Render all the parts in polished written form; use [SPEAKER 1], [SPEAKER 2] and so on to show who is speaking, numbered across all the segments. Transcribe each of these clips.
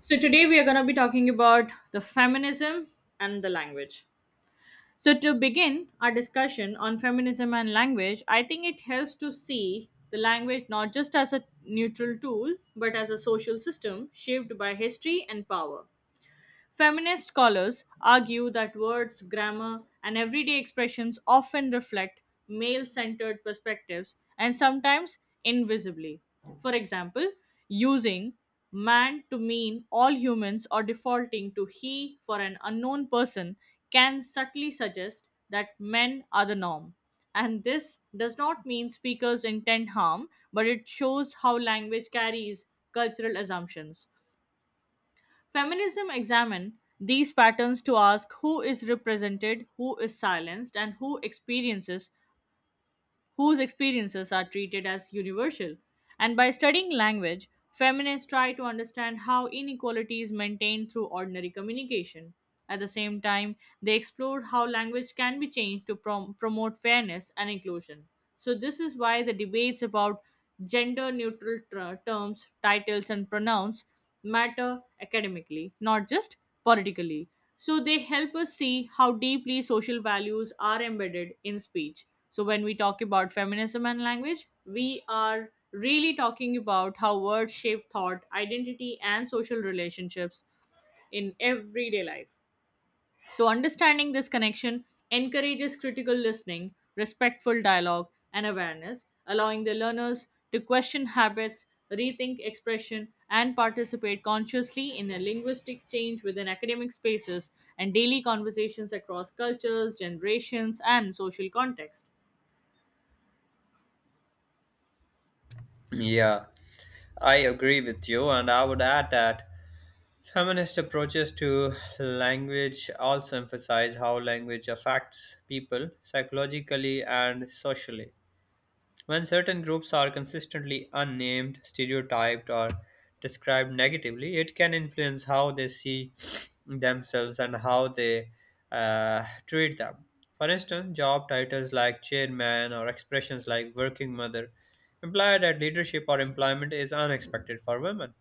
[SPEAKER 1] So today we are going to be talking about the feminism and the language. So to begin our discussion on feminism and language, I think it helps to see the language not just as a neutral tool but as a social system shaped by history and power. Feminist scholars argue that words, grammar, and everyday expressions often reflect male centered perspectives, and sometimes invisibly. For example, using man to mean all humans or defaulting to he for an unknown person can subtly suggest that men are the norm. And this does not mean speakers intend harm, but it shows how language carries cultural assumptions. Feminism examines these patterns to ask who is represented, who is silenced, and whose experiences are treated as universal. And by studying language, feminists try to understand how inequality is maintained through ordinary communication. At the same time, they explore how language can be changed to promote fairness and inclusion. So this is why the debates about gender neutral terms, titles, and pronouns matter academically, not just politically. So they help us see how deeply social values are embedded in speech. So when we talk about feminism and language, we are really talking about how words shape thought, identity, and social relationships in everyday life. So understanding this connection encourages critical listening, respectful dialogue, and awareness, allowing the learners to question habits, rethink expression, and participate consciously in a linguistic change within academic spaces and daily conversations across cultures, generations, and social context.
[SPEAKER 2] Yeah, I agree with you, and I would add that feminist approaches to language also emphasize how language affects people psychologically and socially. When certain groups are consistently unnamed, stereotyped, or described negatively, it can influence how they see themselves and how they treat them. For instance, job titles like chairman or expressions like working mother imply that leadership or employment is unexpected for women.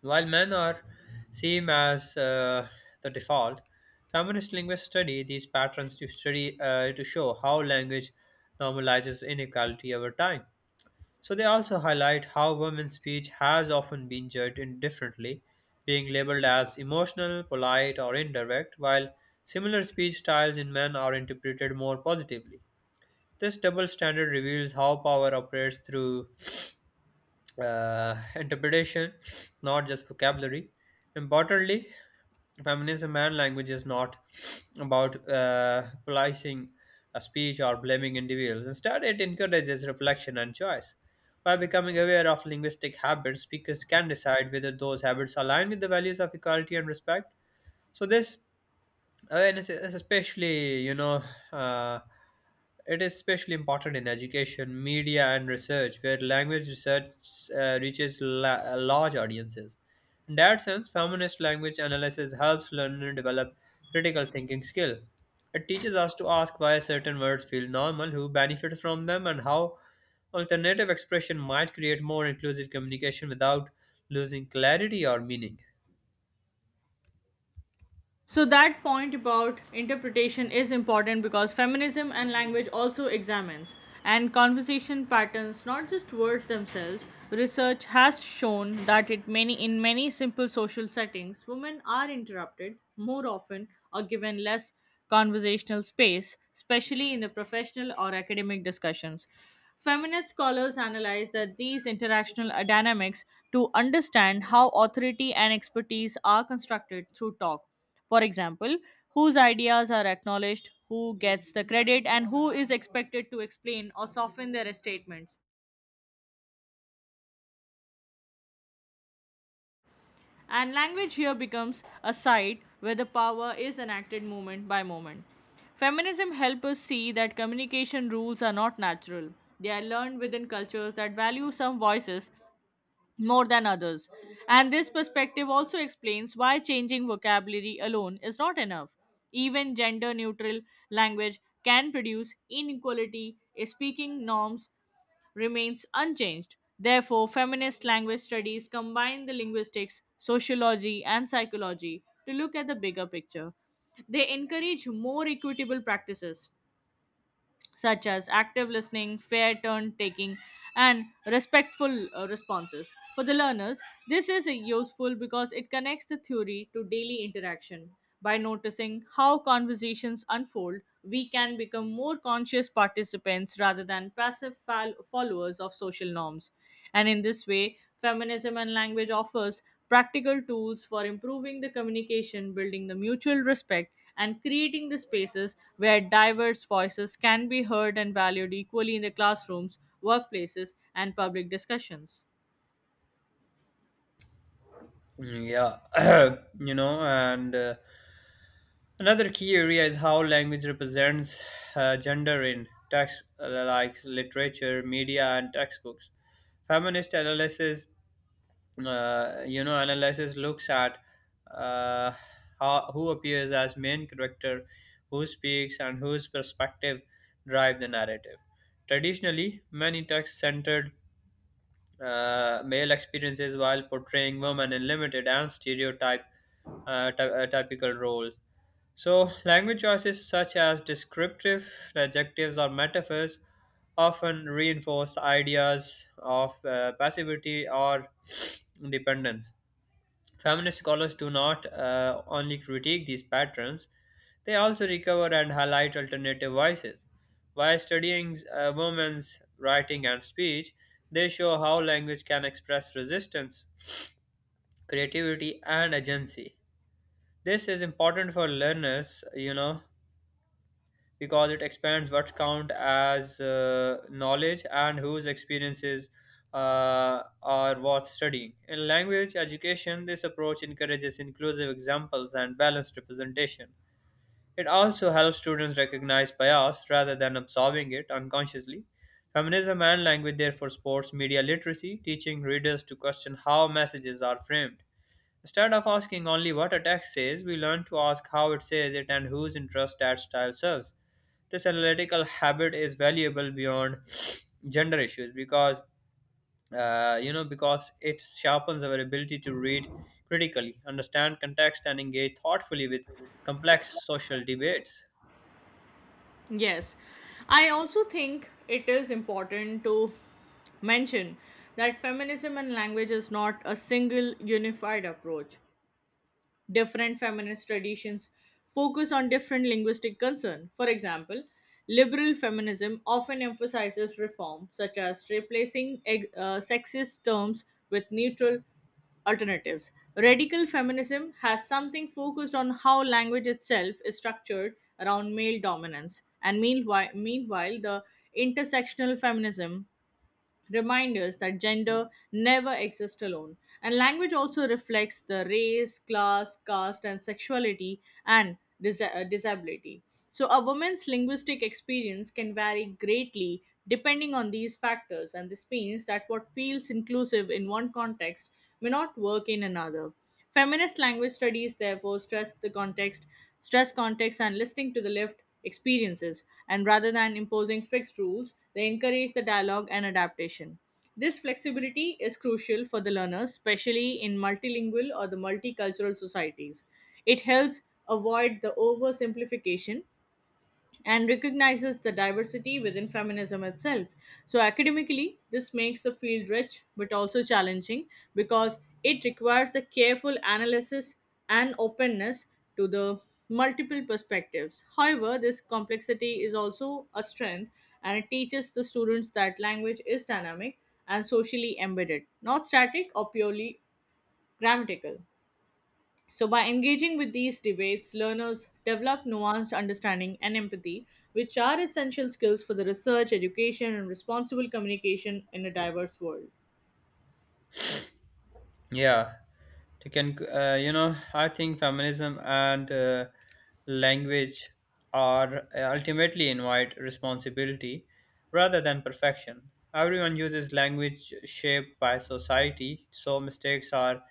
[SPEAKER 2] While men are seen as the default, feminist linguists study these patterns to show how language normalizes inequality over time. So they also highlight how women's speech has often been judged indifferently, being labeled as emotional, polite, or indirect, while similar speech styles in men are interpreted more positively. This double standard reveals how power operates through interpretation, not just vocabulary. Importantly, feminism and language is not about policing a speech or blaming individuals. Instead, it encourages reflection and choice. By becoming aware of linguistic habits, speakers can decide whether those habits align with the values of equality and respect. So, this awareness is especially, uh, it is especially important in education, media, and research, where language research reaches large audiences. In that sense, feminist language analysis helps learners develop critical thinking skill. It teaches us to ask why certain words feel normal, who benefits from them, and how alternative expression might create more inclusive communication without losing clarity or meaning.
[SPEAKER 1] So that point about interpretation is important because feminism and language also examines and conversation patterns, not just words themselves. Research has shown that it many in many simple social settings women are interrupted more often or given less conversational space, especially in the professional or academic discussions. Feminist scholars analyze that these interactional dynamics to understand how authority and expertise are constructed through talk. For example, whose ideas are acknowledged, who gets the credit, and who is expected to explain or soften their statements. And language here becomes a site where the power is enacted moment by moment. Feminism helps us see that communication rules are not natural. They are learned within cultures that value some voices more than others. And this perspective also explains why changing vocabulary alone is not enough. Even gender neutral language can produce inequality if speaking norms remains unchanged. Therefore, feminist language studies combine the linguistics, sociology, and psychology to look at the bigger picture. They encourage more equitable practices such as active listening, fair turn taking, and respectful responses. For the learners, this is useful because it connects the theory to daily interaction. By noticing how conversations unfold, we can become more conscious participants rather than passive followers of social norms. And in this way, feminism and language offers practical tools for improving the communication, building the mutual respect, and creating the spaces where diverse voices can be heard and valued equally in the classrooms, workplaces, and public discussions.
[SPEAKER 2] Mm. Yeah. you know, and Another key area is how language represents gender in texts like literature, media, and textbooks. Feminist analysis, analysis looks at uh, how, who appears as main character, who speaks, and whose perspective drive the narrative. Traditionally, many texts centered male experiences while portraying women in limited and stereotype typical roles. So, language choices such as descriptive adjectives or metaphors often reinforce ideas of passivity or dependence. Feminist scholars do not only critique these patterns, they also recover and highlight alternative voices. By studying women's writing and speech, they show how language can express resistance, creativity, and agency. This is important for learners, you know, because it expands what count as knowledge and whose experiences are worth studying. In language education, this approach encourages inclusive examples and balanced representation. It also helps students recognize bias rather than absorbing it unconsciously. Feminism and language therefore supports media literacy, teaching readers to question how messages are framed. Instead of asking only what a text says, we learn to ask how it says it and whose interest that style serves. This analytical habit is valuable beyond gender issues because because it sharpens our ability to read critically, understand context, and engage thoughtfully with complex social debates.
[SPEAKER 1] Yes, I also think it is important to mention that feminism and language is not a single unified approach. Different feminist traditions focus on different linguistic concern. For example, liberal feminism often emphasizes reform, such as replacing sexist terms with neutral alternatives. Radical feminism has something focused on how language itself is structured around male dominance. And meanwhile the intersectional feminism remind us that gender never exists alone. And language also reflects the race, class, caste, and sexuality and disability. So a woman's linguistic experience can vary greatly depending on these factors, and this means that what feels inclusive in one context may not work in another. Feminist language studies, therefore, stress context, and listening to the lived experiences, and rather than imposing fixed rules, they encourage the dialogue and adaptation. This flexibility is crucial for the learners, especially in multilingual or the multicultural societies. It helps avoid the oversimplification and recognizes the diversity within feminism itself. So academically, this makes the field rich but also challenging because it requires the careful analysis and openness to the multiple perspectives. However, this complexity is also a strength, and it teaches the students that language is dynamic and socially embedded, not static or purely grammatical. So by engaging with these debates, learners develop nuanced understanding and empathy, which are essential skills for the research, education, and responsible communication in a diverse world.
[SPEAKER 2] Yeah, to can you know I think feminism and language are ultimately invite responsibility rather than perfection. Everyone uses language shaped by society, so mistakes are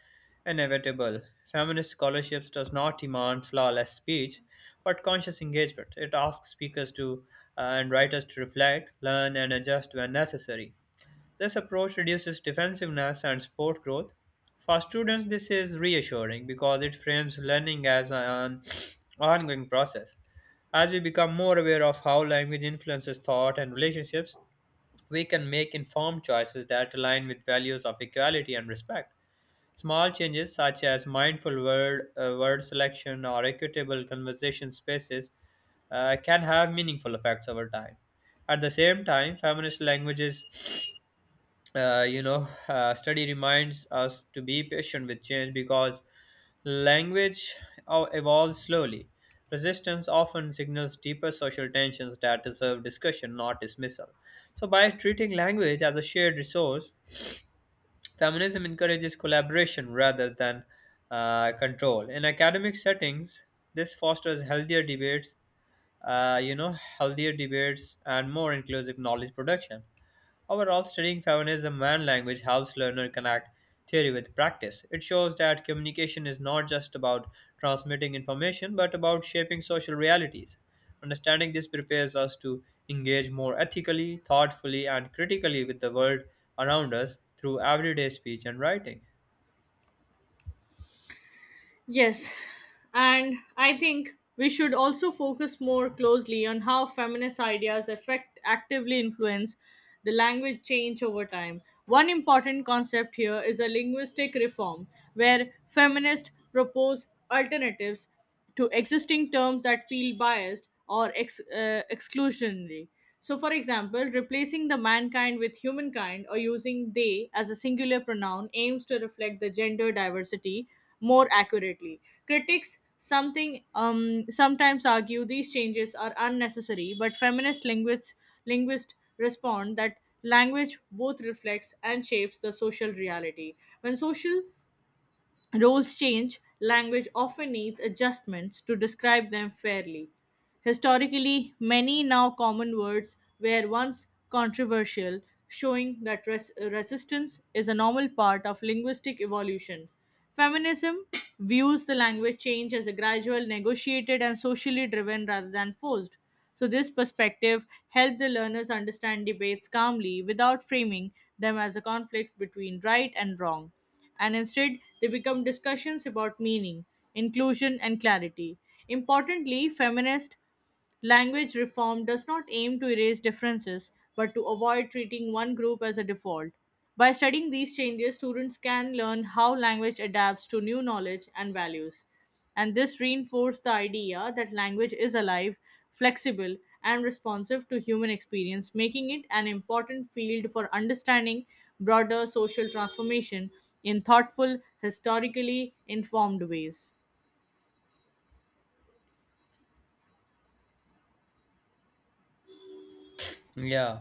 [SPEAKER 2] inevitable. Feminist scholarships does not demand flawless speech, but conscious engagement. It asks speakers to and writers to reflect, learn, and adjust when necessary. This approach reduces defensiveness and sport growth. For students, this is reassuring because it frames learning as an ongoing process. As we become more aware of how language influences thought and relationships, we can make informed choices that align with values of equality and respect. Small changes such as mindful word selection or equitable conversation spaces can have meaningful effects over time. At the same time, feminist languages study reminds us to be patient with change because language evolves slowly. Resistance often signals deeper social tensions that deserve discussion, not dismissal. So, by treating language as a shared resource, feminism encourages collaboration rather than control. In academic settings, this fosters healthier debates, and more inclusive knowledge production. Overall, studying feminism and language helps learner connect theory with practice. It shows that communication is not just about transmitting information, but about shaping social realities. Understanding this prepares us to engage more ethically, thoughtfully, and critically with the world around us through everyday speech and writing.
[SPEAKER 1] Yes, and I think we should also focus more closely on how feminist ideas affect actively influence the language change over time. One important concept here is a linguistic reform, where feminists propose alternatives to existing terms that feel biased or exclusionary. So, for example, replacing the mankind with humankind or using they as a singular pronoun aims to reflect the gender diversity more accurately. Critics something sometimes argue these changes are unnecessary, but feminist linguists respond that language both reflects and shapes the social reality. When social rules change, language often needs adjustments to describe them fairly. Historically, many now common words were once controversial, showing that resistance is a normal part of linguistic evolution. Feminism views the language change as a gradual, negotiated, and socially driven rather than forced. So this perspective helped the learners understand debates calmly without framing them as a conflict between right and wrong, and instead they become discussions about meaning, inclusion, and clarity. Importantly, feminist language reform does not aim to erase differences but to avoid treating one group as a default. By studying these changes, students can learn how language adapts to new knowledge and values. And this reinforced the idea that language is alive, flexible, and responsive to human experience, making it an important field for understanding broader social transformation in thoughtful, historically informed ways.
[SPEAKER 2] Yeah.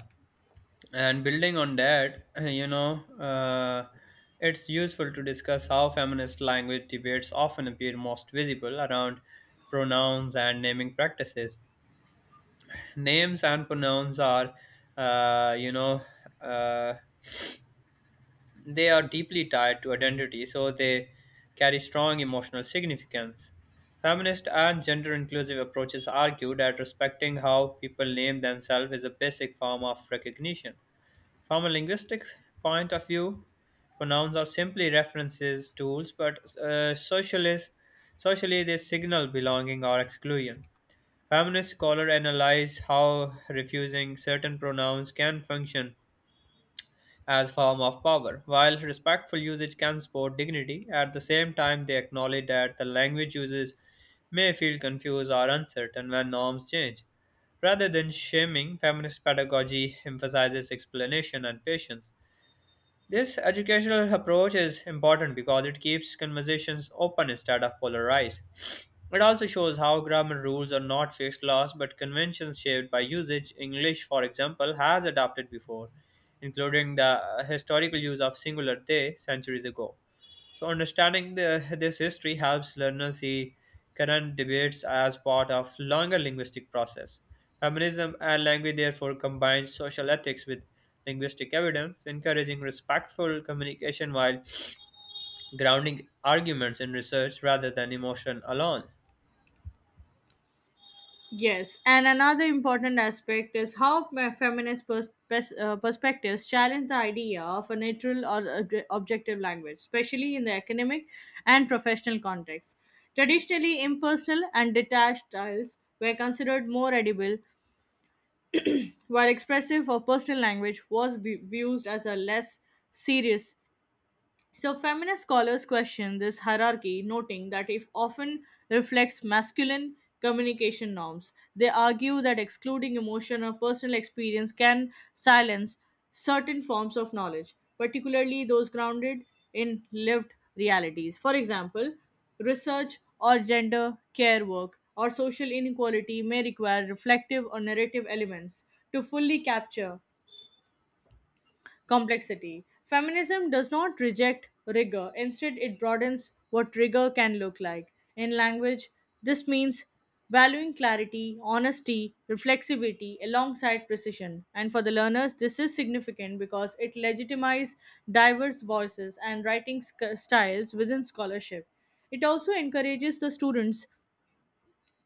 [SPEAKER 2] And building on that, it's useful to discuss how feminist language debates often appear most visible around pronouns and naming practices. Names and pronouns are uh, you know uh, they are deeply tied to identity, so they carry strong emotional significance. Feminist and gender inclusive approaches argue that respecting how people name themselves is a basic form of recognition. From a linguistic point of view, pronouns are simply references tools, but socially they signal belonging or exclusion. Feminist scholars analyze how refusing certain pronouns can function as form of power, while respectful usage can support dignity. At the same time, they acknowledge that the language users may feel confused or uncertain when norms change. Rather than shaming, feminist pedagogy emphasizes explanation and patience. This educational approach is important because it keeps conversations open instead of polarized. It also shows how grammar rules are not fixed laws but conventions shaped by usage. English, for example, has adapted before, including the historical use of singular they centuries ago. So, understanding this history helps learners see current debates as part of longer linguistic process. Feminism and language therefore combine social ethics with linguistic evidence, encouraging respectful communication while grounding arguments in research rather than emotion alone.
[SPEAKER 1] Yes, and another important aspect is how my feminist perspectives challenge the idea of a neutral or objective language, especially in the academic and professional context. Traditionally, impersonal and detached styles were considered more edible, while expressive or personal language was viewed as a less serious. So feminist scholars question this hierarchy, noting that it often reflects masculine communication norms. They argue that excluding emotion or personal experience can silence certain forms of knowledge, particularly those grounded in lived realities. For example, research or gender care work or social inequality may require reflective or narrative elements to fully capture complexity. Feminism does not reject rigor. Instead, it broadens what rigor can look like. In language, this means valuing clarity, honesty, reflexivity alongside precision. And for the learners, this is significant because it legitimizes diverse voices and writing styles within scholarship. It also encourages the students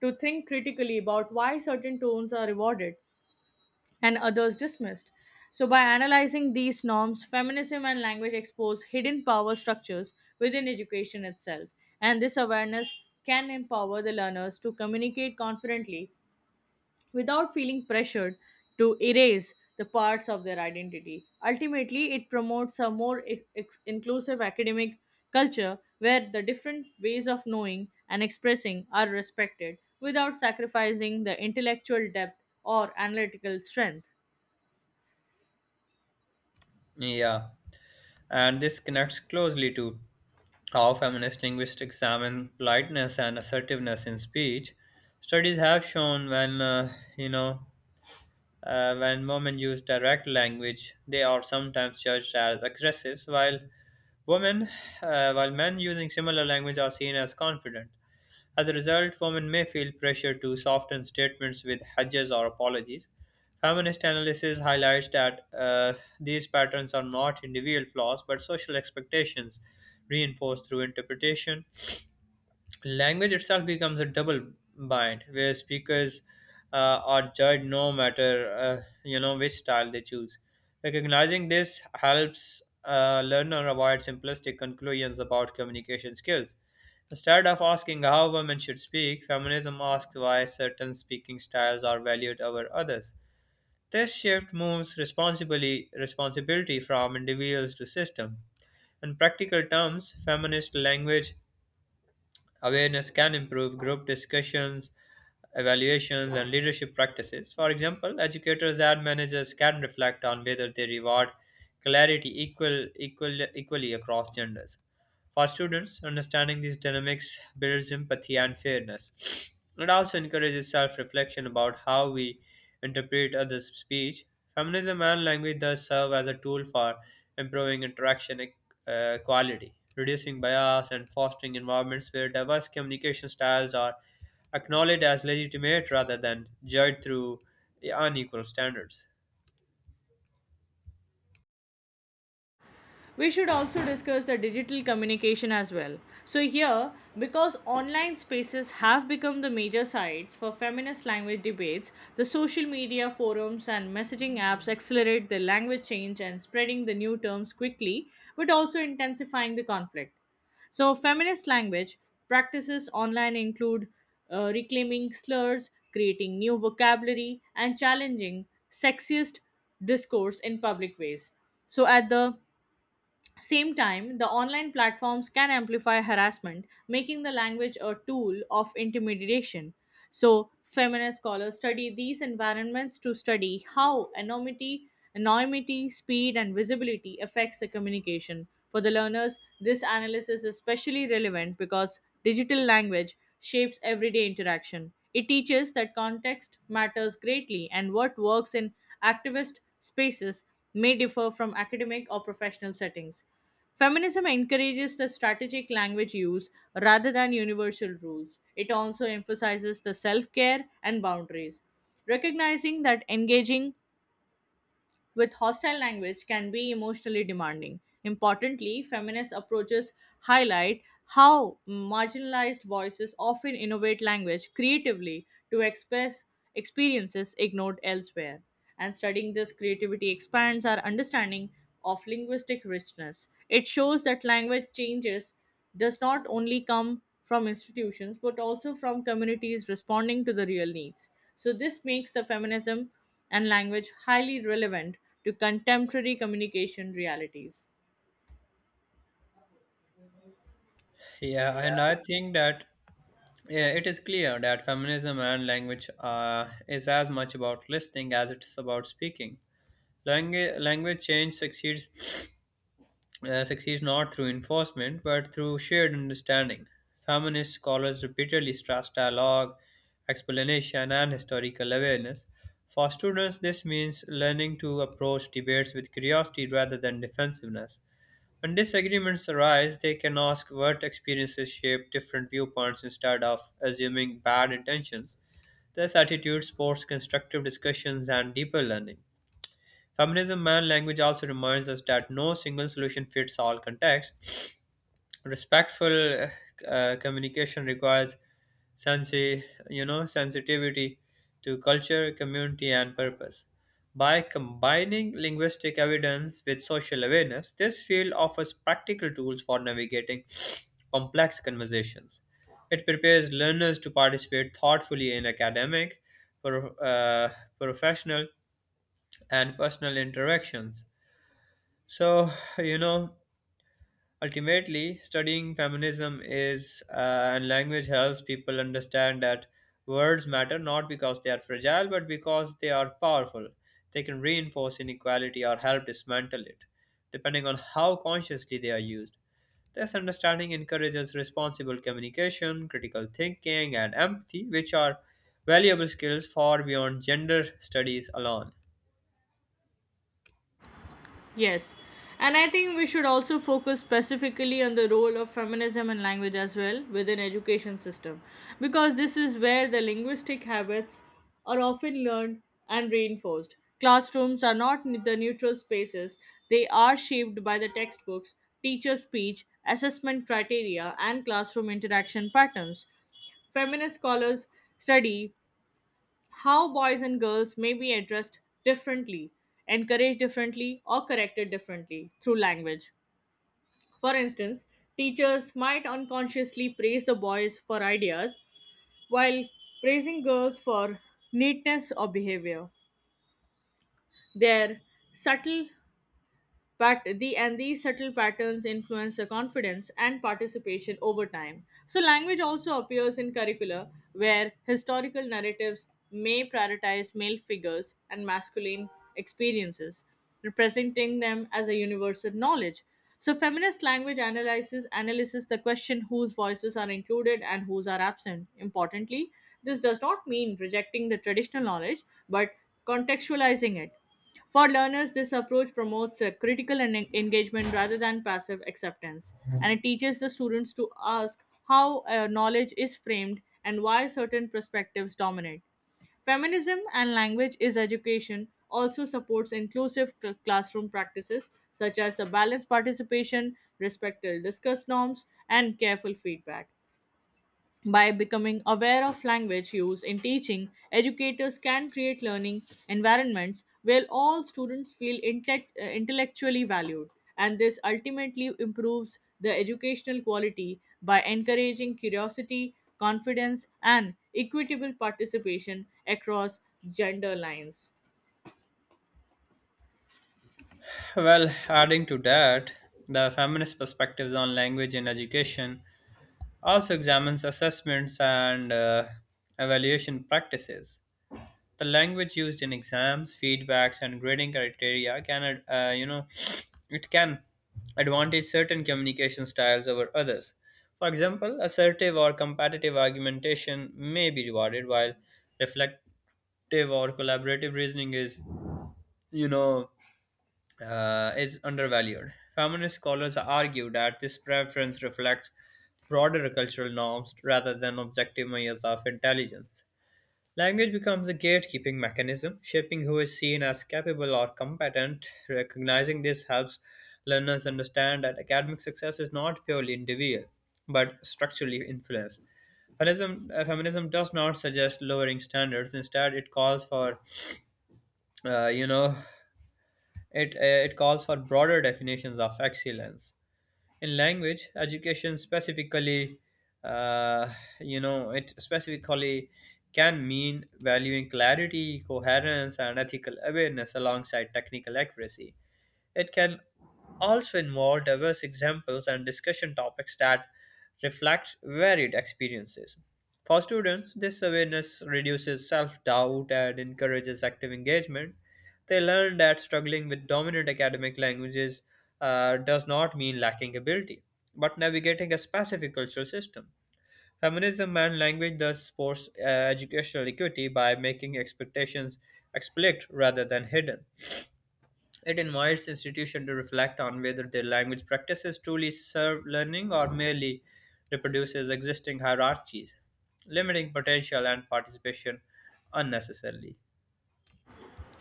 [SPEAKER 1] to think critically about why certain tones are rewarded and others dismissed. So by analyzing these norms, feminism and language expose hidden power structures within education itself, and this awareness can empower the learners to communicate confidently without feeling pressured to erase the parts of their identity. Ultimately, it promotes a more inclusive academic culture where the different ways of knowing and expressing are respected without sacrificing the intellectual depth or analytical strength.
[SPEAKER 2] Yeah, and this connects closely to how feminist linguists examine politeness and assertiveness in speech. Studies have shown when you know when women use direct language, they are sometimes judged as aggressive, while women, while men using similar language are seen as confident. As a result, women may feel pressure to soften statements with hedges or apologies. Feminist analysis highlights that these patterns are not individual flaws but social expectations reinforced through interpretation. Language itself becomes a double bind where speakers are judged no matter which style they choose. Recognizing this helps a learner avoid simplistic conclusions about communication skills. Instead of asking how women should speak, feminism asks why certain speaking styles are valued over others. This shift moves responsibility from individuals to system. In practical terms, feminist language awareness can improve group discussions, evaluations, and leadership practices. For example, educators and managers can reflect on whether they reward clarity equally across genders. For students, understanding these dynamics builds empathy and fairness. It also encourages self reflection about how we interpret others' speech. Feminism and language thus serve as a tool for improving interaction quality, reducing bias, and fostering environments where diverse communication styles are acknowledged as legitimate rather than judged through unequal standards.
[SPEAKER 1] We should also discuss the digital communication as well. So here, because online spaces have become the major sites for feminist language debates, the social media forums and messaging apps accelerate the language change and spreading the new terms quickly, but also intensifying the conflict. So feminist language practices online include reclaiming slurs, creating new vocabulary, and challenging sexist discourse in public ways. So at the same time, the online platforms can amplify harassment, making the language a tool of intimidation. So feminist scholars study these environments to study how anonymity, speed, and visibility affects the communication. For the learners, this analysis is especially relevant because digital language shapes everyday interaction. It teaches that context matters greatly and what works in activist spaces may differ from academic or professional settings. Feminism encourages the strategic language use rather than universal rules. It also emphasizes the self care and boundaries, recognizing that engaging with hostile language can be emotionally demanding. Importantly, feminist approaches highlight how marginalized voices often innovate language creatively to express experiences ignored elsewhere. And studying this creativity expands our understanding of linguistic richness. It shows that language changes does not only come from institutions but also from communities responding to the real needs. So this makes the feminism and language highly relevant to contemporary communication realities.
[SPEAKER 2] Yeah, and I think that yeah, it is clear that feminism and language is as much about listening as it's about speaking. Language change succeeds not through enforcement but through shared understanding. Feminist scholars repeatedly stress dialogue, explanation, and historical awareness. For students, this means learning to approach debates with curiosity rather than defensiveness. When disagreements arise, they can ask what experiences shape different viewpoints instead of assuming bad intentions. This attitude supports constructive discussions and deeper learning. Feminism and language also reminds us that no single solution fits all contexts. Respectful communication requires sensi- sensitivity to culture, community, and purpose. By combining linguistic evidence with social awareness, this field offers practical tools for navigating complex conversations. It prepares learners to participate thoughtfully in academic, pro- uh, professional, and personal interactions. So, you know, ultimately, studying feminism and language helps people understand that words matter not because they are fragile, but because they are powerful. They can reinforce inequality or help dismantle it, depending on how consciously they are used. This understanding encourages responsible communication, critical thinking, and empathy, which are valuable skills far beyond gender studies alone.
[SPEAKER 1] Yes. And I think we should also focus specifically on the role of feminism and language as well within education system, because this is where the linguistic habits are often learned and reinforced. Classrooms are not the neutral spaces. They are shaped by the textbooks, teacher speech, assessment criteria and classroom interaction patterns. Feminist scholars study how boys and girls may be addressed differently, encouraged differently, or corrected differently through language. For instance, teachers might unconsciously praise the boys for ideas while praising girls for neatness or behavior. Their subtle But the and These subtle patterns influence the confidence and participation over time. So language also appears in curricula where historical narratives may prioritize male figures and masculine experiences, representing them as a universal knowledge. So feminist language analysis analyzes the question whose voices are included and whose are absent. Importantly, this does not mean rejecting the traditional knowledge, but contextualizing it. For learners, this approach promotes a critical engagement rather than passive acceptance, and it teaches the students to ask how knowledge is framed and why certain perspectives dominate. Feminism and language is education also supports inclusive classroom practices such as the balanced participation, respectful discuss norms, and careful feedback. By becoming aware of language use in teaching, educators can create learning environments where all students feel intellectually valued, and this ultimately improves the educational quality by encouraging curiosity, confidence, and equitable participation across gender lines.
[SPEAKER 2] Well, adding to that, the feminist perspectives on language in education also examines assessments and evaluation practices. The language used in exams, feedbacks, and grading criteria can, you know, it can advantage certain communication styles over others. For example, assertive or competitive argumentation may be rewarded, while reflective or collaborative reasoning is, you know, is undervalued. Feminist scholars argue that this preference reflects broader cultural norms rather than objective measures of intelligence. Language becomes a gatekeeping mechanism, shaping who is seen as capable or competent. Recognizing this helps learners understand that academic success is not purely individual, but structurally influenced. Feminism does not suggest lowering standards. Instead, uh, you know, it calls for broader definitions of excellence. In language, education specifically, uh, you know, it specifically can mean valuing clarity, coherence, and ethical awareness alongside technical accuracy. It can also involve diverse examples and discussion topics that reflect varied experiences. For students, this awareness reduces self doubt and encourages active engagement. They learn that struggling with dominant academic languages does not mean lacking ability, but navigating a specific cultural system. Feminism and language thus supports educational equity by making expectations explicit rather than hidden. It invites institutions to reflect on whether their language practices truly serve learning or merely reproduces existing hierarchies, limiting potential and participation unnecessarily.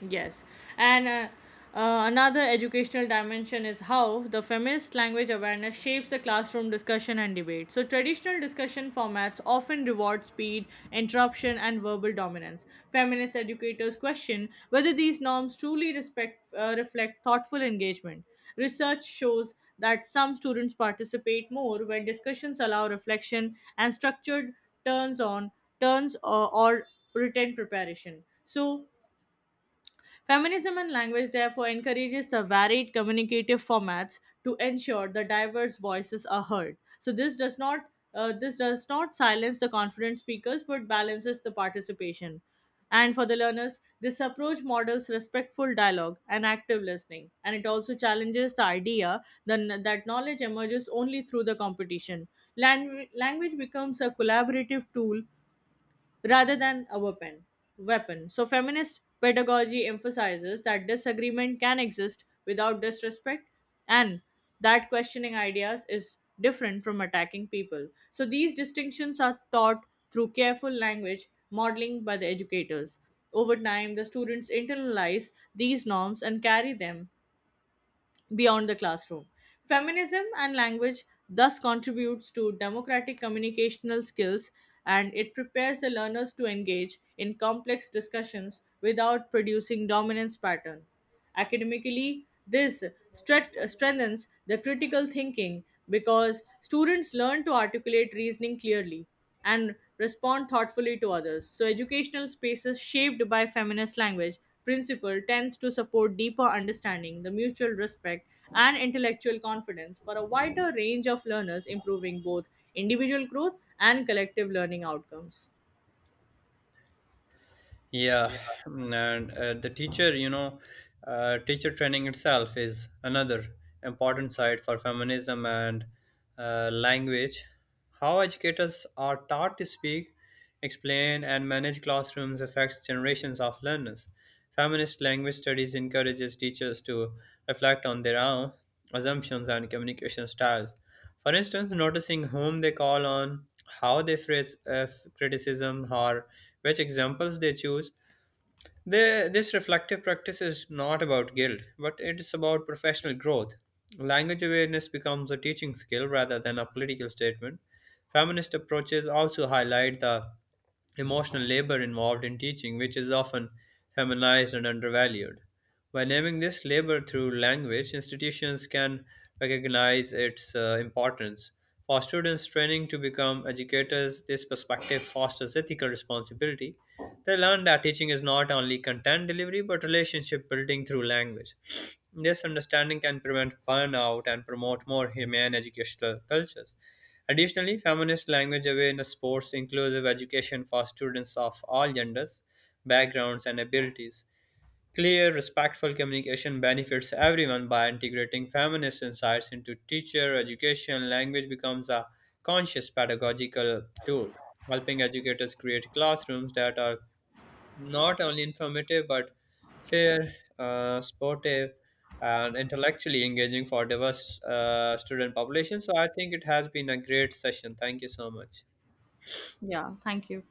[SPEAKER 1] Yes. And Another educational dimension is how the feminist language awareness shapes the classroom discussion and debate. So traditional discussion formats often reward speed, interruption, and verbal dominance. Feminist educators question whether these norms truly reflect thoughtful engagement. Research shows that some students participate more when discussions allow reflection and structured turns on turns or written preparation. So feminism and language therefore encourages the varied communicative formats to ensure the diverse voices are heard. So this does not silence the confident speakers but balances the participation. And for the learners, this approach models respectful dialogue and active listening, and it also challenges the idea that knowledge emerges only through the competition. Language becomes a collaborative tool rather than a weapon. So feminist pedagogy emphasizes that disagreement can exist without disrespect, and that questioning ideas is different from attacking people. So these distinctions are taught through careful language modeling by the educators. Over time, the students internalize these norms and carry them beyond the classroom. Feminism and language thus contributes to democratic communicational skills, and it prepares the learners to engage in complex discussions without producing dominance pattern. Academically, this strengthens the critical thinking because students learn to articulate reasoning clearly, and respond thoughtfully to others. So educational spaces shaped by feminist language principle tends to support deeper understanding, the mutual respect, and intellectual confidence for a wider range of learners, improving both individual growth and collective learning outcomes.
[SPEAKER 2] Yeah. Mm. and the teacher, you know, Teacher training itself is another important side for feminism and language. How educators are taught to speak, explain, and manage classrooms affects generations of learners. Feminist language studies encourages teachers to reflect on their own assumptions and communication styles. For instance, noticing whom they call on, how they phrase criticism, or which examples they choose. This reflective practice is not about guilt, but it is about professional growth. Language awareness becomes a teaching skill rather than a political statement. Feminist approaches also highlight the emotional labor involved in teaching, which is often feminized and undervalued. By naming this labor through language, institutions can recognize its importance. For students training to become educators, this perspective fosters ethical responsibility. They learn that teaching is not only content delivery but relationship building through language. This understanding can prevent burnout and promote more humane educational cultures. Additionally, feminist language awareness supports inclusive education for students of all genders, backgrounds, and abilities. Clear, respectful communication benefits everyone by integrating feminist insights into teacher education. Language becomes a conscious pedagogical tool, helping educators create classrooms that are not only informative but fair, sportive, and intellectually engaging for diverse student population. So I think it has been a great session. Thank you so much.
[SPEAKER 1] Yeah, thank you.